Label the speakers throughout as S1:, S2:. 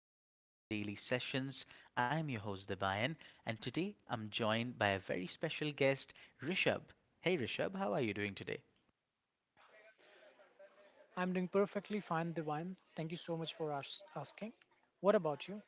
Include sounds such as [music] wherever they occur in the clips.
S1: you're listening to Daily Sessions. I'm your host Debayan and today I'm joined by a very special guest, Rishabh. Hey Rishabh, how are you doing today?
S2: I'm doing perfectly fine, Divine. Thank you so much for asking. What about you?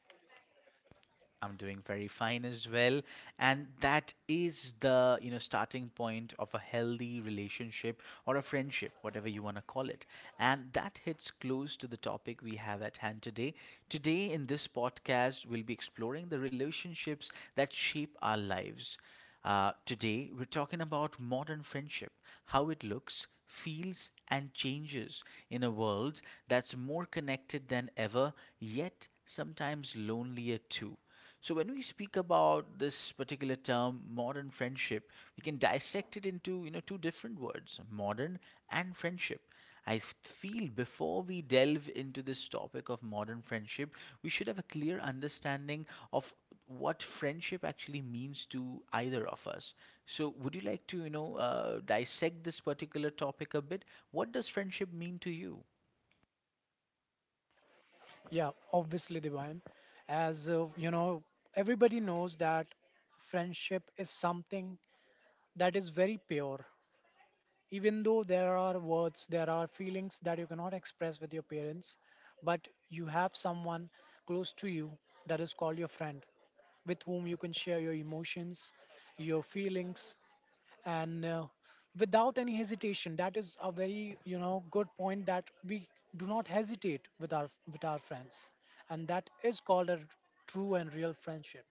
S1: I'm doing very fine as well. And that is the starting point of a healthy relationship or a friendship, whatever you want to call it. And that hits close to the topic we have at hand today. Today, in this podcast, we'll be exploring the relationships that shape our lives. Today, we're talking about modern friendship, how it looks, feels, and changes in a world that's more connected than ever, yet sometimes lonelier too. So, when we speak about this particular term, modern friendship, we can dissect it into two different words, modern and friendship. I feel before we delve into this topic of modern friendship, we should have a clear understanding of what friendship actually means to either of us. So, would you like to dissect this particular topic a bit? What does friendship mean to you?
S2: Yeah, obviously, Divine. As everybody knows that friendship is something that is very pure. Even though there are words, there are feelings that you cannot express with your parents, but you have someone close to you that is called your friend with whom you can share your emotions, your feelings, and without any hesitation, that is a very good point that we do not hesitate with our friends, and that is called a true and real friendship.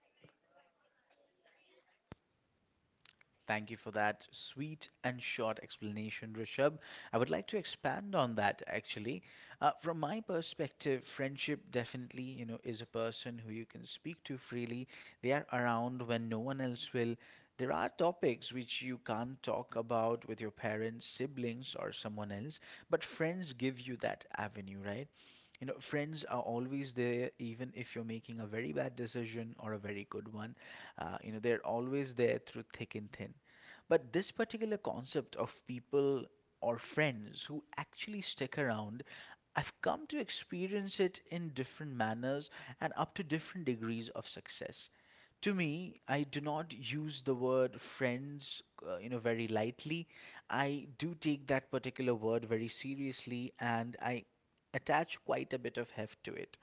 S1: Thank you for that sweet and short explanation, Rishabh. I would like to expand on that actually. From my perspective, friendship definitely, you know, is a person who you can speak to freely. They are around when no one else will. There are topics which you can't talk about with your parents, siblings, or someone else, but friends give you that avenue, right? You know, friends are always there, even if you're making a very bad decision or a very good one. You know, they're always there through thick and thin. But this particular concept of people or friends who actually stick around, I've come to experience it in different manners and up to different degrees of success. To me, I do not use the word friends, you know, very lightly. I do take that particular word very seriously and I attach quite a bit of heft to it.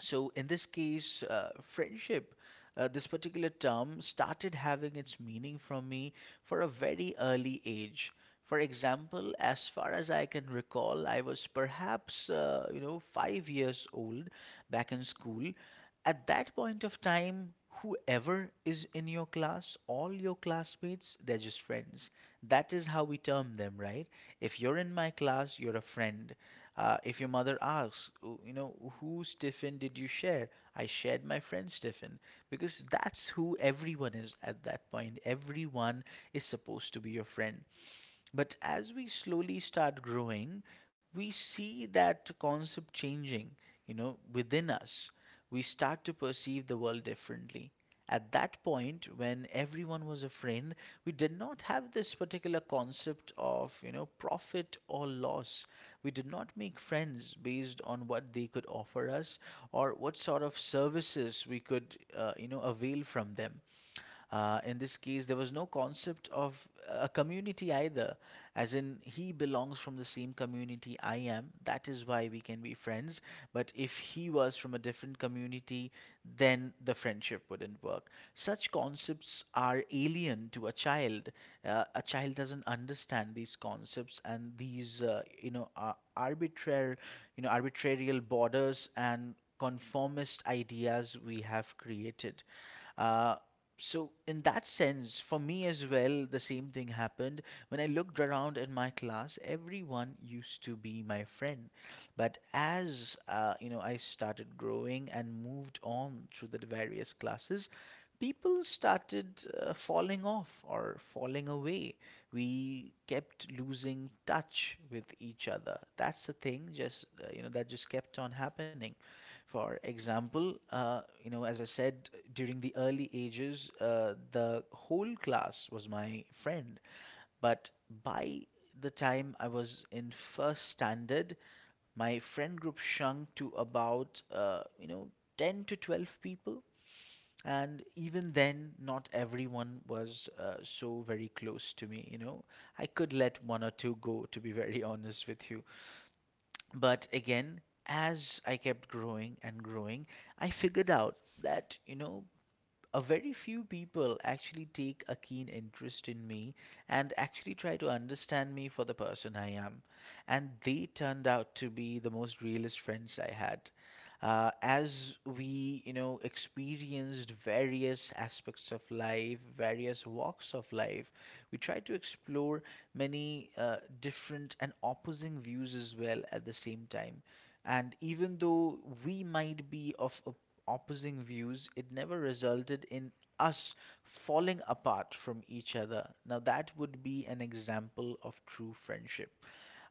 S1: So, in this case, friendship, this particular term, started having its meaning from me for a very early age. For example, as far as I can recall, I was perhaps, 5 years old back in school. At that point of time, whoever is in your class, all your classmates, they're just friends. That is how we term them, right? If you're in my class, you're a friend. If your mother asks, "Oh, you know, whose tiffin did you share? I shared my friend's tiffin because that's who everyone is at that point. Everyone is supposed to be your friend. But as we slowly start growing, we see that concept changing, you know, within us. We start to perceive the world differently. At that point, when everyone was a friend, we did not have this particular concept of, you know, profit or loss. We did not make friends based on what they could offer us or what sort of services we could, avail from them. In this case, there was no concept of a community either, as in he belongs from the same community I am. That is why we can be friends. But if he was from a different community, then the friendship wouldn't work. Such concepts are alien to a child. A child doesn't understand these concepts and these, arbitrary, arbitrarial borders and conformist ideas we have created. Uh, so, in that sense, for me as well, the same thing happened. When I looked around in my class, everyone used to be my friend. But as I started growing and moved on through the various classes, people started falling off or falling away. We kept losing touch with each other. That's the thing, just that just kept on happening. For example, as I said, during the early ages, the whole class was my friend. But by the time I was in first standard, my friend group shrunk to about 10 to 12 people and even then, not everyone was so very close to me, you know. I could let one or two go, to be very [laughs] honest with you. But again, as I kept growing and growing, I figured out that, you know, a very few people actually take a keen interest in me and actually try to understand me for the person I am. And they turned out to be the most realist friends I had. As we, you know, experienced various aspects of life, various walks of life, we tried to explore many different and opposing views as well at the same time. And even though we might be of opposing views, it never resulted in us falling apart from each other. Now, that would be an example of true friendship.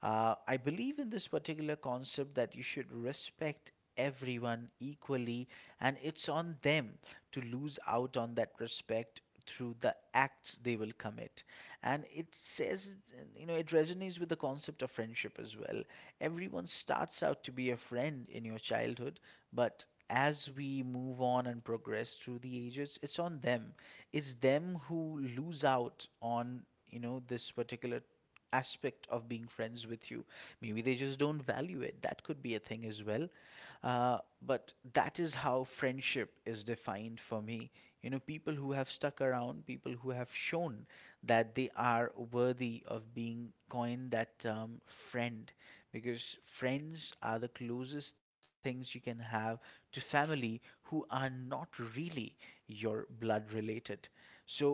S1: I believe in this particular concept that you should respect everyone equally, and it's on them to lose out on that respect through the acts they will commit. And it says, you know, it resonates with the concept of friendship as well. Everyone starts out to be a friend in your childhood, but as we move on and progress through the ages, it's on them. It's them who lose out on, you know, this particular aspect of being friends with you. Maybe they just don't value it. That could be a thing as well. But that is how friendship is defined for me. You know, people who have stuck around, people who have shown that they are worthy of being coined that term friend because friends are the closest things you can have to family who are not really your blood related. So,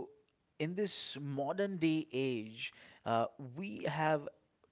S1: in this modern day age, uh, we have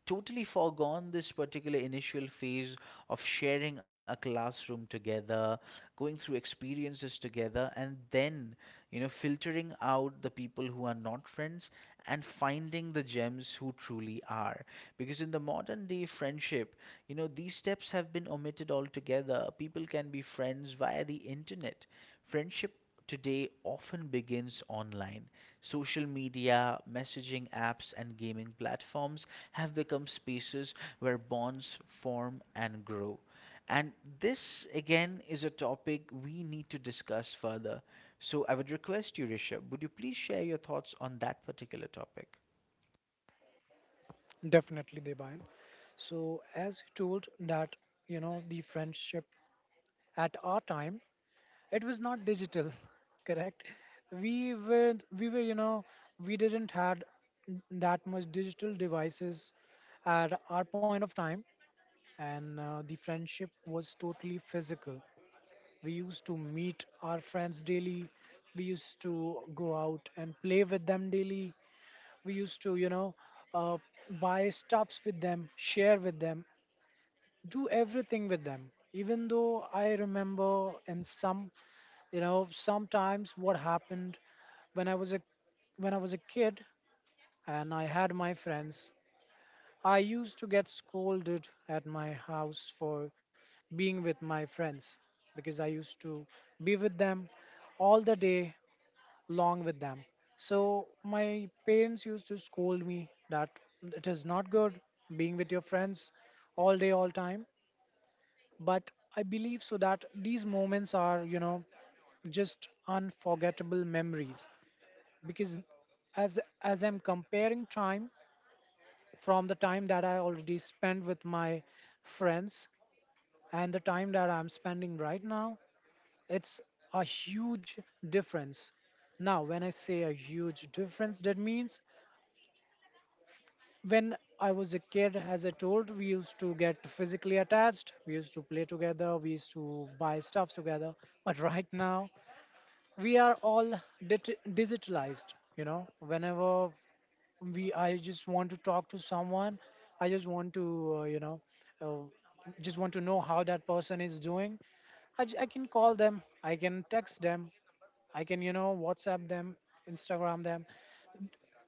S1: totally forgone this particular initial phase of sharing a classroom together, going through experiences together, and then you know filtering out the people who are not friends and finding the gems who truly are. Because in the modern day friendship, you know, these steps have been omitted altogether. People can be friends via the internet. Friendship today often begins online. Social media, messaging apps, and gaming platforms have become spaces where bonds form and grow. And this again is a topic we need to discuss further. So I would request you, Rishabh, would you please share your thoughts on that particular topic?
S2: Definitely, Debayan. So as you told, that the friendship at our time, it was not digital. [laughs] Correct, we were we were, we didn't had that much digital devices at our point of time. And the friendship was totally physical. We used to meet our friends daily. We used to go out and play with them daily. We used to, uh, buy stuffs with them, share with them, do everything with them. Even though I remember in some, you know, sometimes what happened, when I was a when I was a kid and I had my friends, I used to get scolded at my house for being with my friends, because I used to be with them all the day long with them. So my parents used to scold me that it is not good being with your friends all day, all time. But I believe so that these moments are, you know, just unforgettable memories, because as I'm comparing time, from the time that I already spent with my friends and the time that I'm spending right now, it's a huge difference. Now, when I say a huge difference, that means when I was a kid, as I told, we used to get physically attached, we used to play together, we used to buy stuff together. But right now, we are all digitalized. You know, whenever I just want to talk to someone, I just want to, uh, just want to know how that person is doing. I can call them, I can text them, I can, you know, WhatsApp them, Instagram them,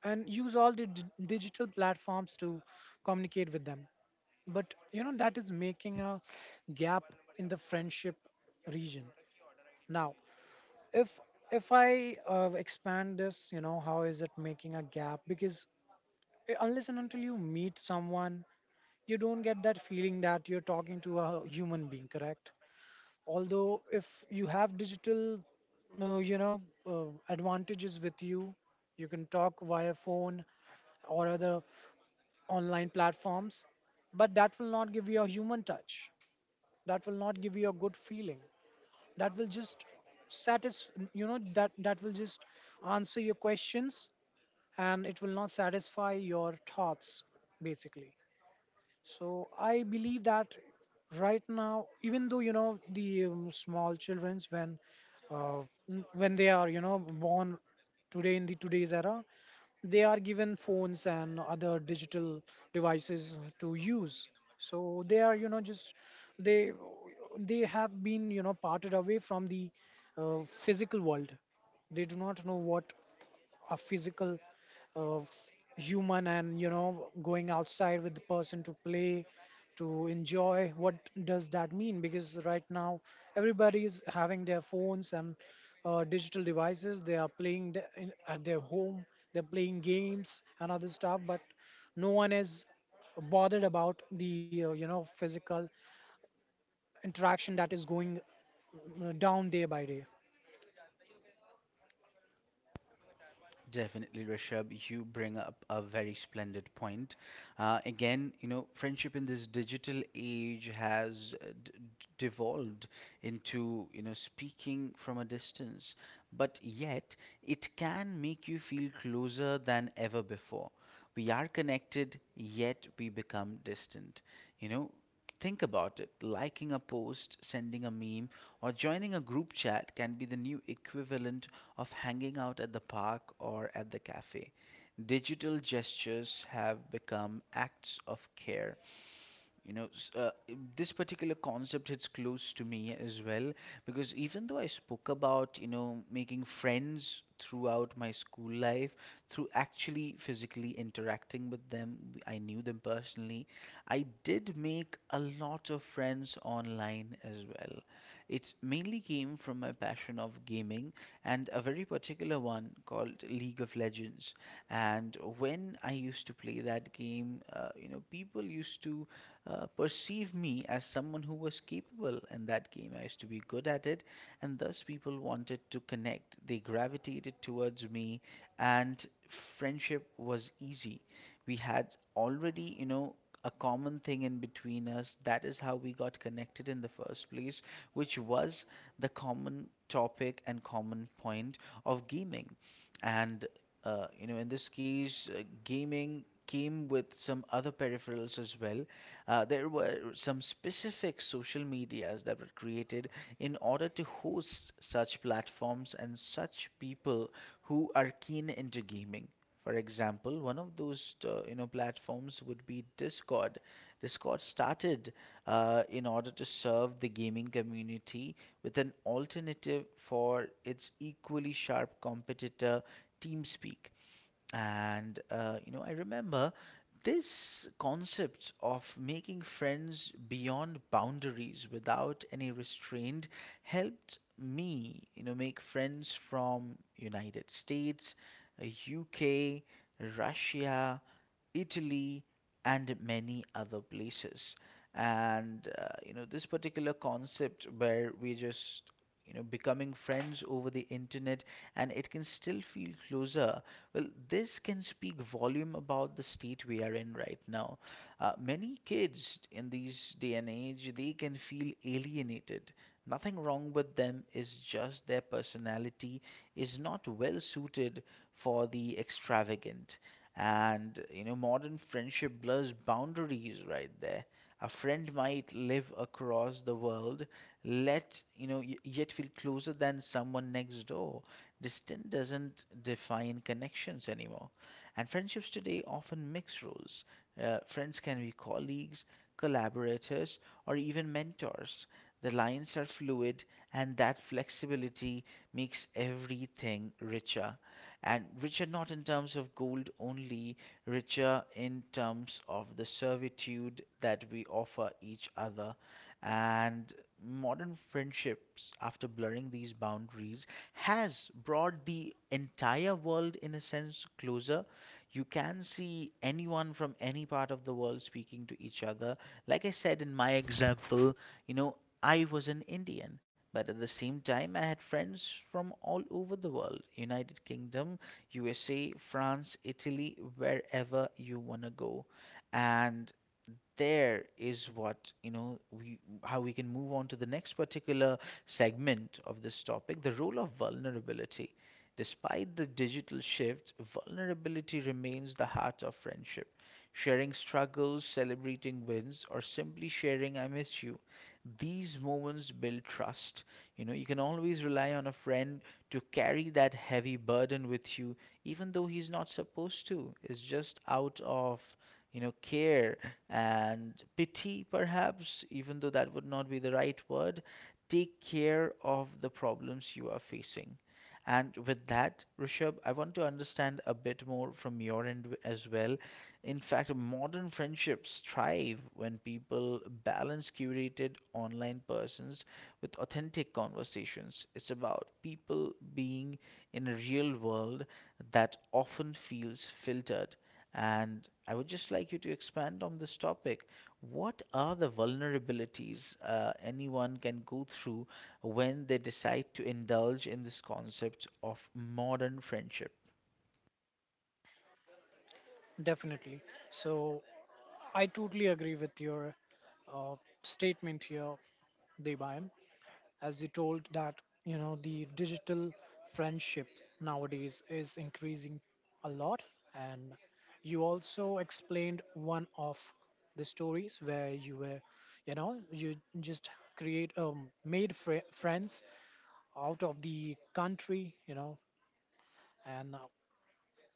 S2: and use all the digital platforms to communicate with them. But, you know, that is making a gap in the friendship region. Now, if if I expand this, you know, how is it making a gap? Because unless and until you meet someone, you don't get that feeling that you're talking to a human being, correct? Although, if you have digital advantages with you, you can talk via phone or other online platforms, but that will not give you a human touch, that will not give you a good feeling, that will just satisfy, that will just answer your questions, and it will not satisfy your thoughts basically. So I believe that right now, even though, you know, the small childrens, when uh, when they are, you know, born today in the today's era, they are given phones and other digital devices to use. So they are, you know, just they they have been, you know, parted away from the physical world. They do not know what a physical uh, human, and you know, going outside with the person to play, to enjoy, what does that mean? Because right now everybody is having their phones and digital devices. They are playing at their home, they're playing games and other stuff, but no one is bothered about the physical interaction that is going down day by day.
S1: Definitely, Rishabh, you bring up a very splendid point. Again, you know, friendship in this digital age has devolved into, you know, speaking from a distance, but yet it can make you feel closer than ever before. We are connected, yet we become distant. You know, think about it. Liking a post, sending a meme, or joining a group chat can be the new equivalent of hanging out at the park or at the cafe. Digital gestures have become acts of care. you know, s- uh, this particular concept hits close to me as well because even though I spoke about, you know, making friends throughout my school life through actually physically interacting with them, I knew them personally. I did make a lot of friends online as well. It mainly came from my passion of gaming, and a very particular one called League of Legends. And when I used to play that game, people used to perceived me as someone who was capable in that game. I used to be good at it, and thus people wanted to connect. They gravitated towards me, and friendship was easy. We had already, you know, a common thing in between us. That is how we got connected in the first place, which was the common topic and common point of gaming. And, in this case, gaming came with some other peripherals as well. There were some specific social medias that were created in order to host such platforms and such people who are keen into gaming. For example, one of those platforms would be Discord. Discord started in order to serve the gaming community with an alternative for its equally sharp competitor TeamSpeak. And I remember this concept of making friends beyond boundaries without any restraint helped me, you know, make friends from United States, uh, UK, Russia, Italy and many other places. And this particular concept where we just you know becoming friends over the internet and it can still feel closer, well, this can speak volume about the state we are in right now. Many kids in these day and age, they can feel alienated. Nothing wrong with them, is just their personality is not well suited for the extravagant and you know, modern friendship blurs boundaries right there. A friend might live across the world, let you know, yet feel closer than someone next door. Distance doesn't define connections anymore. And friendships today often mix roles. Friends can be colleagues, collaborators, or even mentors. The lines are fluid, and that flexibility makes everything richer and richer not in terms of gold only, richer in terms of the servitude that we offer each other. And modern friendships, after blurring these boundaries, has brought the entire world in a sense closer. You can see anyone from any part of the world speaking to each other. Like I said in my example, I was an Indian. But at the same time, I had friends from all over the world United Kingdom, USA, France, Italy, wherever you want to go. And there is what you know we how we can move on to the next particular segment of this topic, the role of vulnerability. Despite the digital shift, vulnerability remains the heart of friendship. Sharing struggles, celebrating wins, or simply sharing I miss you, these moments build trust. You know, you can always rely on a friend to carry that heavy burden with you, even though he's not supposed to. It's just out of, care and pity, perhaps, even though that would not be the right word. Take care of the problems you are facing. And with that, Rishabh, I want to understand a bit more from your end as well. In fact, modern friendships thrive when people balance curated online persons with authentic conversations. It's about people being in a real world that often feels filtered. And I would just like you to expand on this topic. What are the vulnerabilities anyone can go through when they decide to indulge in this concept of modern friendship?
S2: Definitely. So I totally agree with your uh, statement here, Debayam. As you told that, you know, the digital friendship nowadays is increasing a lot, and you also explained one of the stories where you were, you know, you just create made fri friends out of the country, you know. And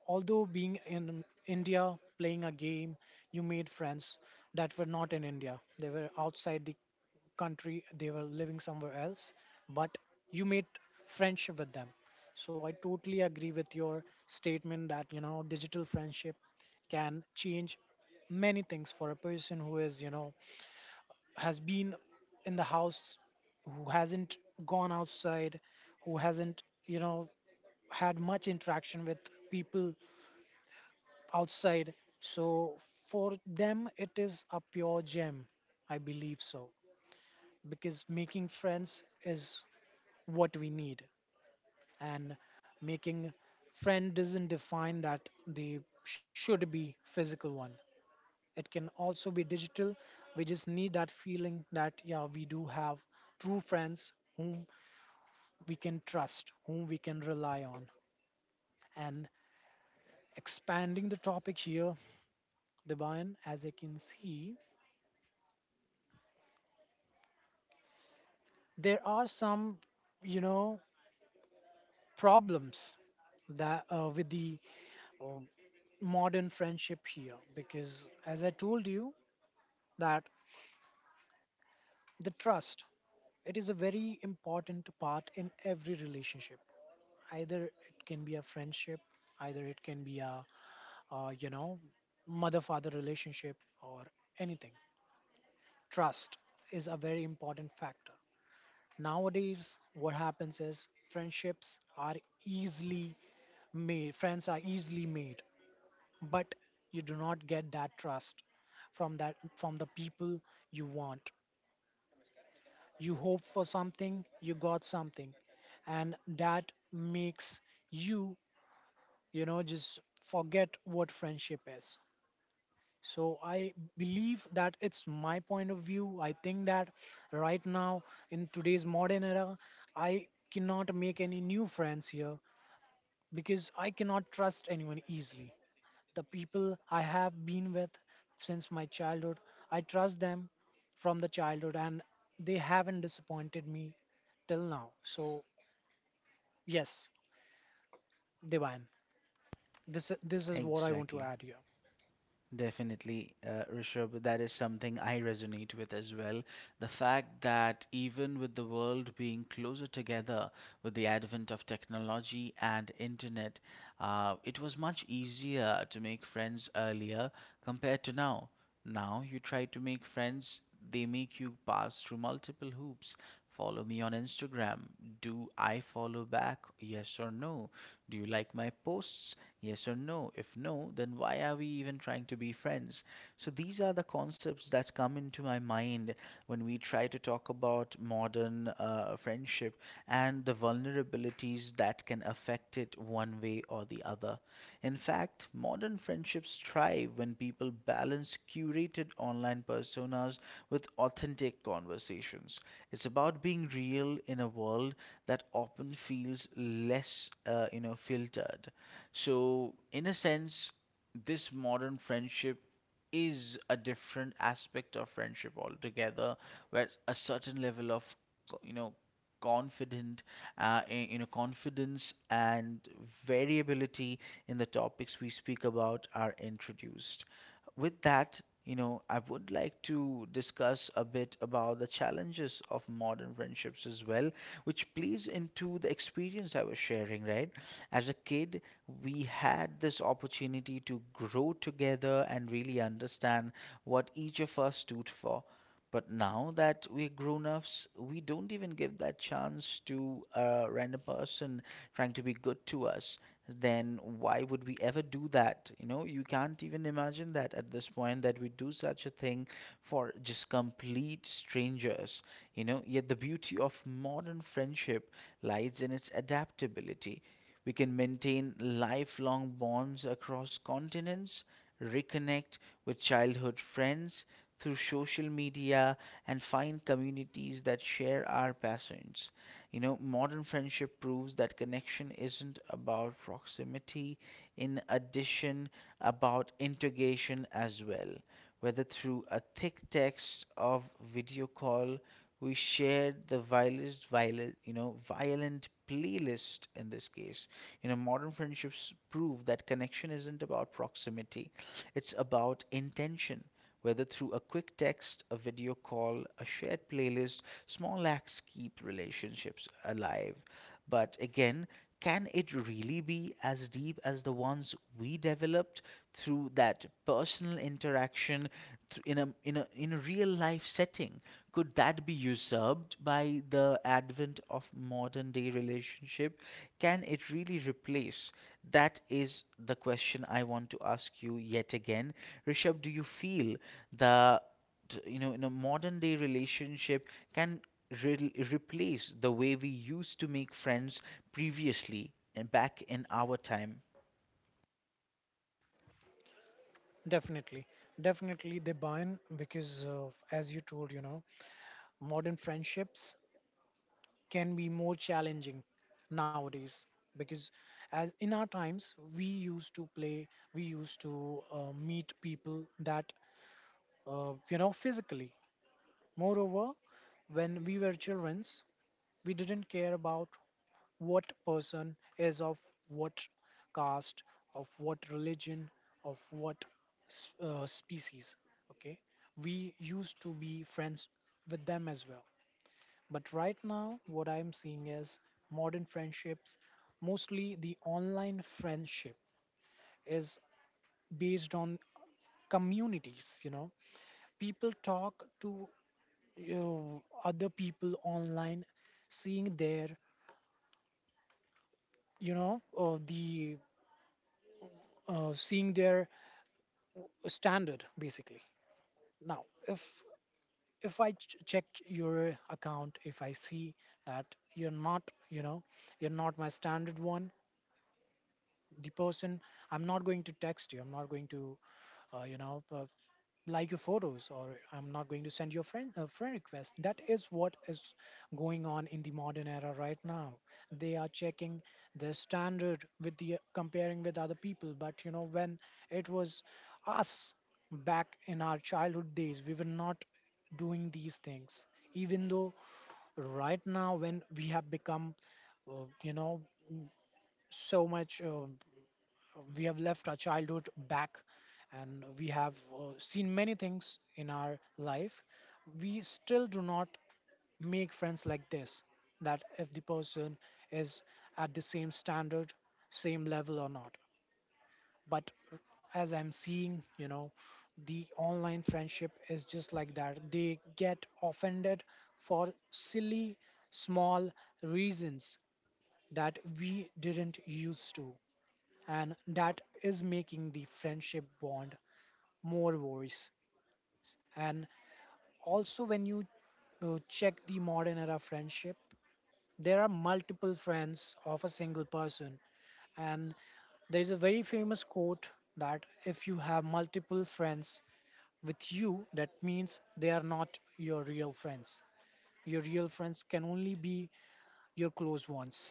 S2: although being in India playing a game, you made friends that were not in India. They were outside the country, they were living somewhere else, but you made friendship with them. So I totally agree with your statement that, you know, digital friendship can change many things for a person who is, you know, has been in the house, who hasn't gone outside, who hasn't, you know, had much interaction with people outside. So for them, it is a pure gem. I believe so. Because making friends is what we need. And making friend doesn't define that they should be physical one. It can also be digital. We just need that feeling that, yeah, we do have true friends whom we can trust, whom we can rely on. And expanding the topic here, Divine, as I can see, there are some, you know, problems, that with the uh, modern friendship here, because as I told you that the trust, it is a very important part in every relationship. Either it can be a friendship, either it can be a uh, you know mother father relationship, or anything, trust is a very important factor. Nowadays what happens is, friendships are easily made, friends are easily made, but you do not get that trust from that from the people you want. You hope for something, you got something, and that makes you, you know, just forget what friendship is. So I believe that, it's my point of view, I think that right now in today's modern era, I cannot make any new friends here, because I cannot trust anyone easily. The people I have been with since my childhood, I trust them from the childhood, and they haven't disappointed me till now. So, yes, they Divine. This is what I want to
S1: Exactly.
S2: add here.
S1: Definitely, Rishabh, that is something I resonate with as well. The fact that even with the world being closer together with the advent of technology and internet, it was much easier to make friends earlier compared to now. Now you try to make friends, they make you pass through multiple hoops. Follow me on Instagram. Do I follow back? Yes or no? Do you like my posts? Yes or no? If no, then why are we even trying to be friends? So these are the concepts that come into my mind when we try to talk about modern friendship and the vulnerabilities that can affect it one way or the other. In fact, modern friendships thrive when people balance curated online personas with authentic conversations. It's about being real in a world that often feels less, filtered. So, in a sense, this modern friendship is a different aspect of friendship altogether, where a certain level of, you know, confident, confidence and variability in the topics we speak about are introduced. With that, you know, I would like to discuss a bit about the challenges of modern friendships as well, which plays into the experience I was sharing, right? As a kid, we had this opportunity to grow together and really understand what each of us stood for. But now that we're grown ups, we don't even give that chance to a random person trying to be good to us. Then why would we ever do that? You know, you can't even imagine that at this point that we do such a thing for just complete strangers. You know, yet the beauty of modern friendship lies in its adaptability. We can maintain lifelong bonds across continents, reconnect with childhood friends through social media, and find communities that share our passions. You know, modern friendship proves that connection isn't about proximity, in addition, about integration as well. Whether through a thick text of video call, we shared the vilest, violent, you know, violent playlist in this case, you know modern friendships prove that connection isn't about proximity, it's about intention. Whether through a quick text, a video call, a shared playlist, small acts keep relationships alive. But again, can it really be as deep as the ones we developed through that personal interaction in a real life setting? Could that be usurped by the advent of modern day relationship? Can it really replace? That is the question I want to ask you yet again. Rishabh, do you feel the you know in a modern day relationship can replace the way we used to make friends previously and back in our time?
S2: Definitely. Definitely they buy in, because of, as you told, you know, modern friendships can be more challenging nowadays, because as in our times, we used to play, we used to meet people that, you know, physically. Moreover, when we were children, we didn't care about what person is of what caste, of what religion, of what species. Okay, we used to be friends with them as well. But right now, what I'm seeing is, modern friendships, mostly the online friendship, is based on communities. You know, people talk to, you know, other people online, seeing their, you know the seeing their standard basically. Now if I check your account, if I see that you're not, you know, you're not my standard one, the person, I'm not going to text you, I'm not going to, uh, you know uh, like your photos, or I'm not going to send you a friend request. That is what is going on in the modern era right now. They are checking their standard with the comparing with other people. But you know, when it was us back in our childhood days, we were not doing these things. Even though right now when we have become, you know so much we have left our childhood back, and we have seen many things in our life, we still do not make friends like this, that if the person is at the same standard, same level or not. But as I'm seeing, you know, the online friendship is just like that. They get offended for silly small reasons that we didn't used to, and that is making the friendship bond more worse. And also, when you check the modern era friendship, there are multiple friends of a single person. And there is a very famous quote, that if you have multiple friends with you, that means they are not your real friends. Your real friends can only be your close ones,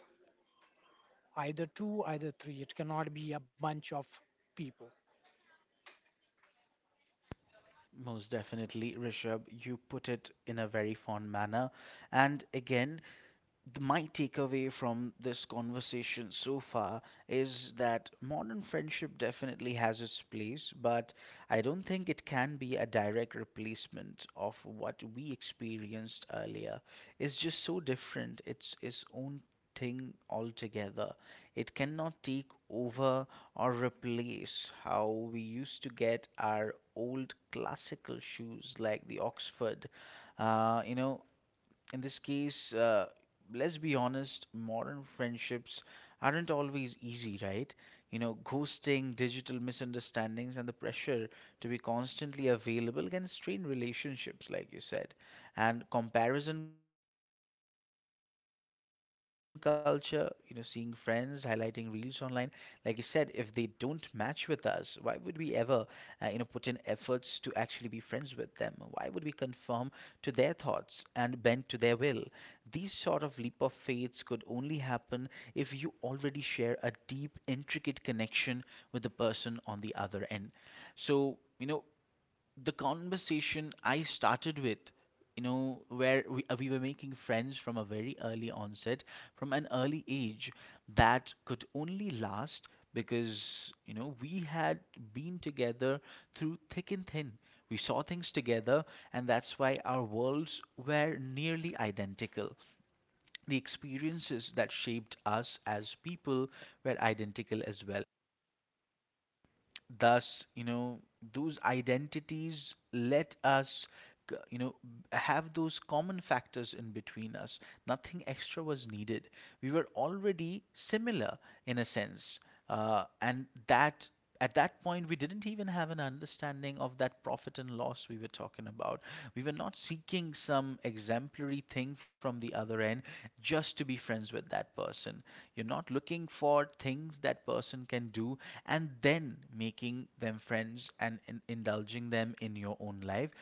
S2: either two, either three, it cannot be a bunch of people.
S1: Most definitely, Rishabh, you put it in a very fond manner. And my takeaway from this conversation so far is that modern friendship definitely has its place, but I don't think it can be a direct replacement of what we experienced earlier. It's just so different. It's its own thing altogether. It cannot take over or replace how we used to get our old classical shoes like the Oxford. You know, in this case, let's be honest, modern friendships aren't always easy, right? You know, ghosting, digital misunderstandings, and the pressure to be constantly available can strain relationships, like you said. And comparison culture, you know, seeing friends highlighting reels online, like you said, if they don't match with us, why would we ever, you know, put in efforts to actually be friends with them? Why would we conform to their thoughts and bend to their will? These sort of leap of faiths could only happen if you already share a deep, intricate connection with the person on the other end. So, you know, the conversation I started with, you know, where we were making friends from a very early onset, from an early age, that could only last because, you know, we had been together through thick and thin. We saw things together, and that's why our worlds were nearly identical. The experiences that shaped us as people were identical as well. Thus, you know, those identities let us, you know, have those common factors in between us. Nothing extra was needed. We were already similar in a sense. And that at that point, we didn't even have an understanding of that profit and loss we were talking about. We were not seeking some exemplary thing from the other end just to be friends with that person. You're not looking for things that person can do and then making them friends and, indulging them in your own life.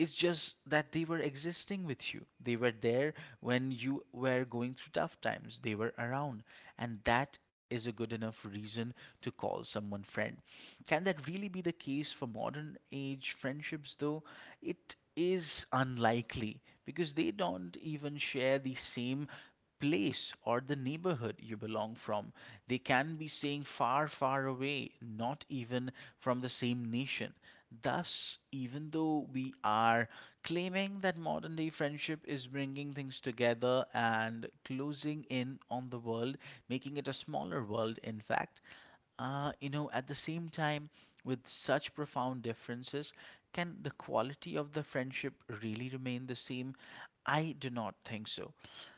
S1: It's just that they were existing with you. They were there when you were going through tough times. They were around. And that is a good enough reason to call someone friend. Can that really be the case for modern age friendships, though? It is unlikely because they don't even share the same place or the neighborhood you belong from. They can be staying far, far away, not even from the same nation. Thus, even though we are claiming that modern day friendship is bringing things together and closing in on the world, making it a smaller world, in fact, you know, at the same time, with such profound differences, can the quality of the friendship really remain the same? I do not think so.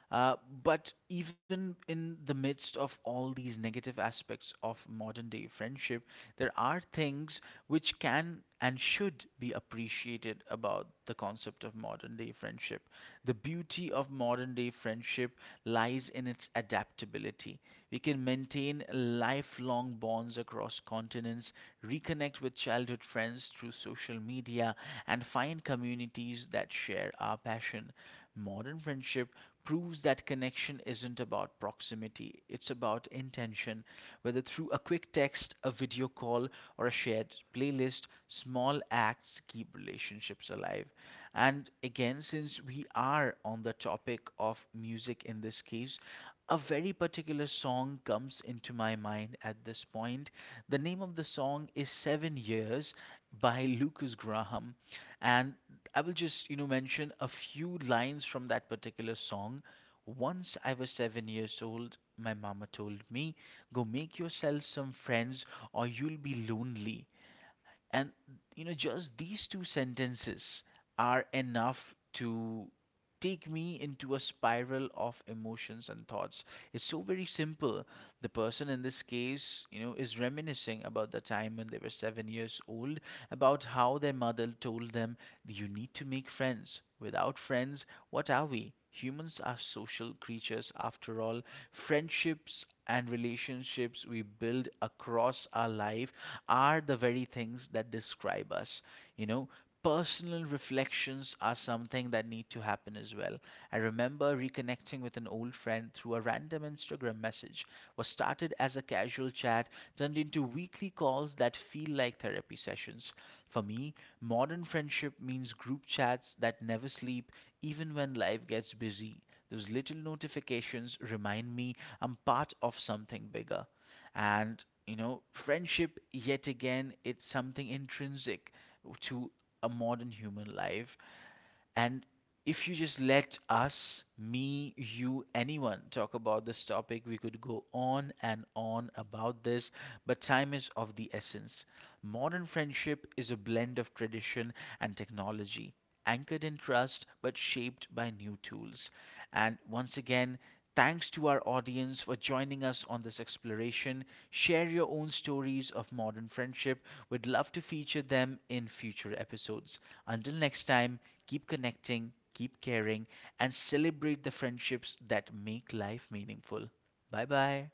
S1: Uh, but even in the midst of all these negative aspects of modern day friendship, there are things which can and should be appreciated about the concept of modern day friendship. The beauty of modern day friendship lies in its adaptability. We can maintain lifelong bonds across continents, reconnect with childhood friends through social media, and find communities that share our passion. Modern friendship proves that connection isn't about proximity, it's about intention. Whether through a quick text, a video call, or a shared playlist, small acts keep relationships alive. And again, since we are on the topic of music in this case, a very particular song comes into my mind at this point. The name of the song is Seven Years by Lucas Graham. And I will just, you know, mention a few lines from that particular song. Once I was 7 years old, my mama told me, go make yourself some friends or you'll be lonely. And you know, just these two sentences are enough to take me into a spiral of emotions and thoughts. It's so very simple. The person in this case, you know, is reminiscing about the time when they were 7 years old, about how their mother told them, you need to make friends. Without friends, what are we? Humans are social creatures after all. Friendships and relationships we build across our life are the very things that describe us. You know, personal reflections are something that need to happen as well. I remember reconnecting with an old friend through a random Instagram message. What started as a casual chat turned into weekly calls that feel like therapy sessions. For me, modern friendship means group chats that never sleep, even when life gets busy. Those little notifications remind me I'm part of something bigger. And you know, friendship yet again, it's something intrinsic to a modern human life. And if you just let us, me, you, anyone talk about this topic, we could go on and on about this, but time is of the essence. Modern friendship is a blend of tradition and technology, anchored in trust but shaped by new tools. And once again, thanks to our audience for joining us on this exploration. Share your own stories of modern friendship. We'd love to feature them in future episodes. Until next time, keep connecting, keep caring, and celebrate the friendships that make life meaningful. Bye bye.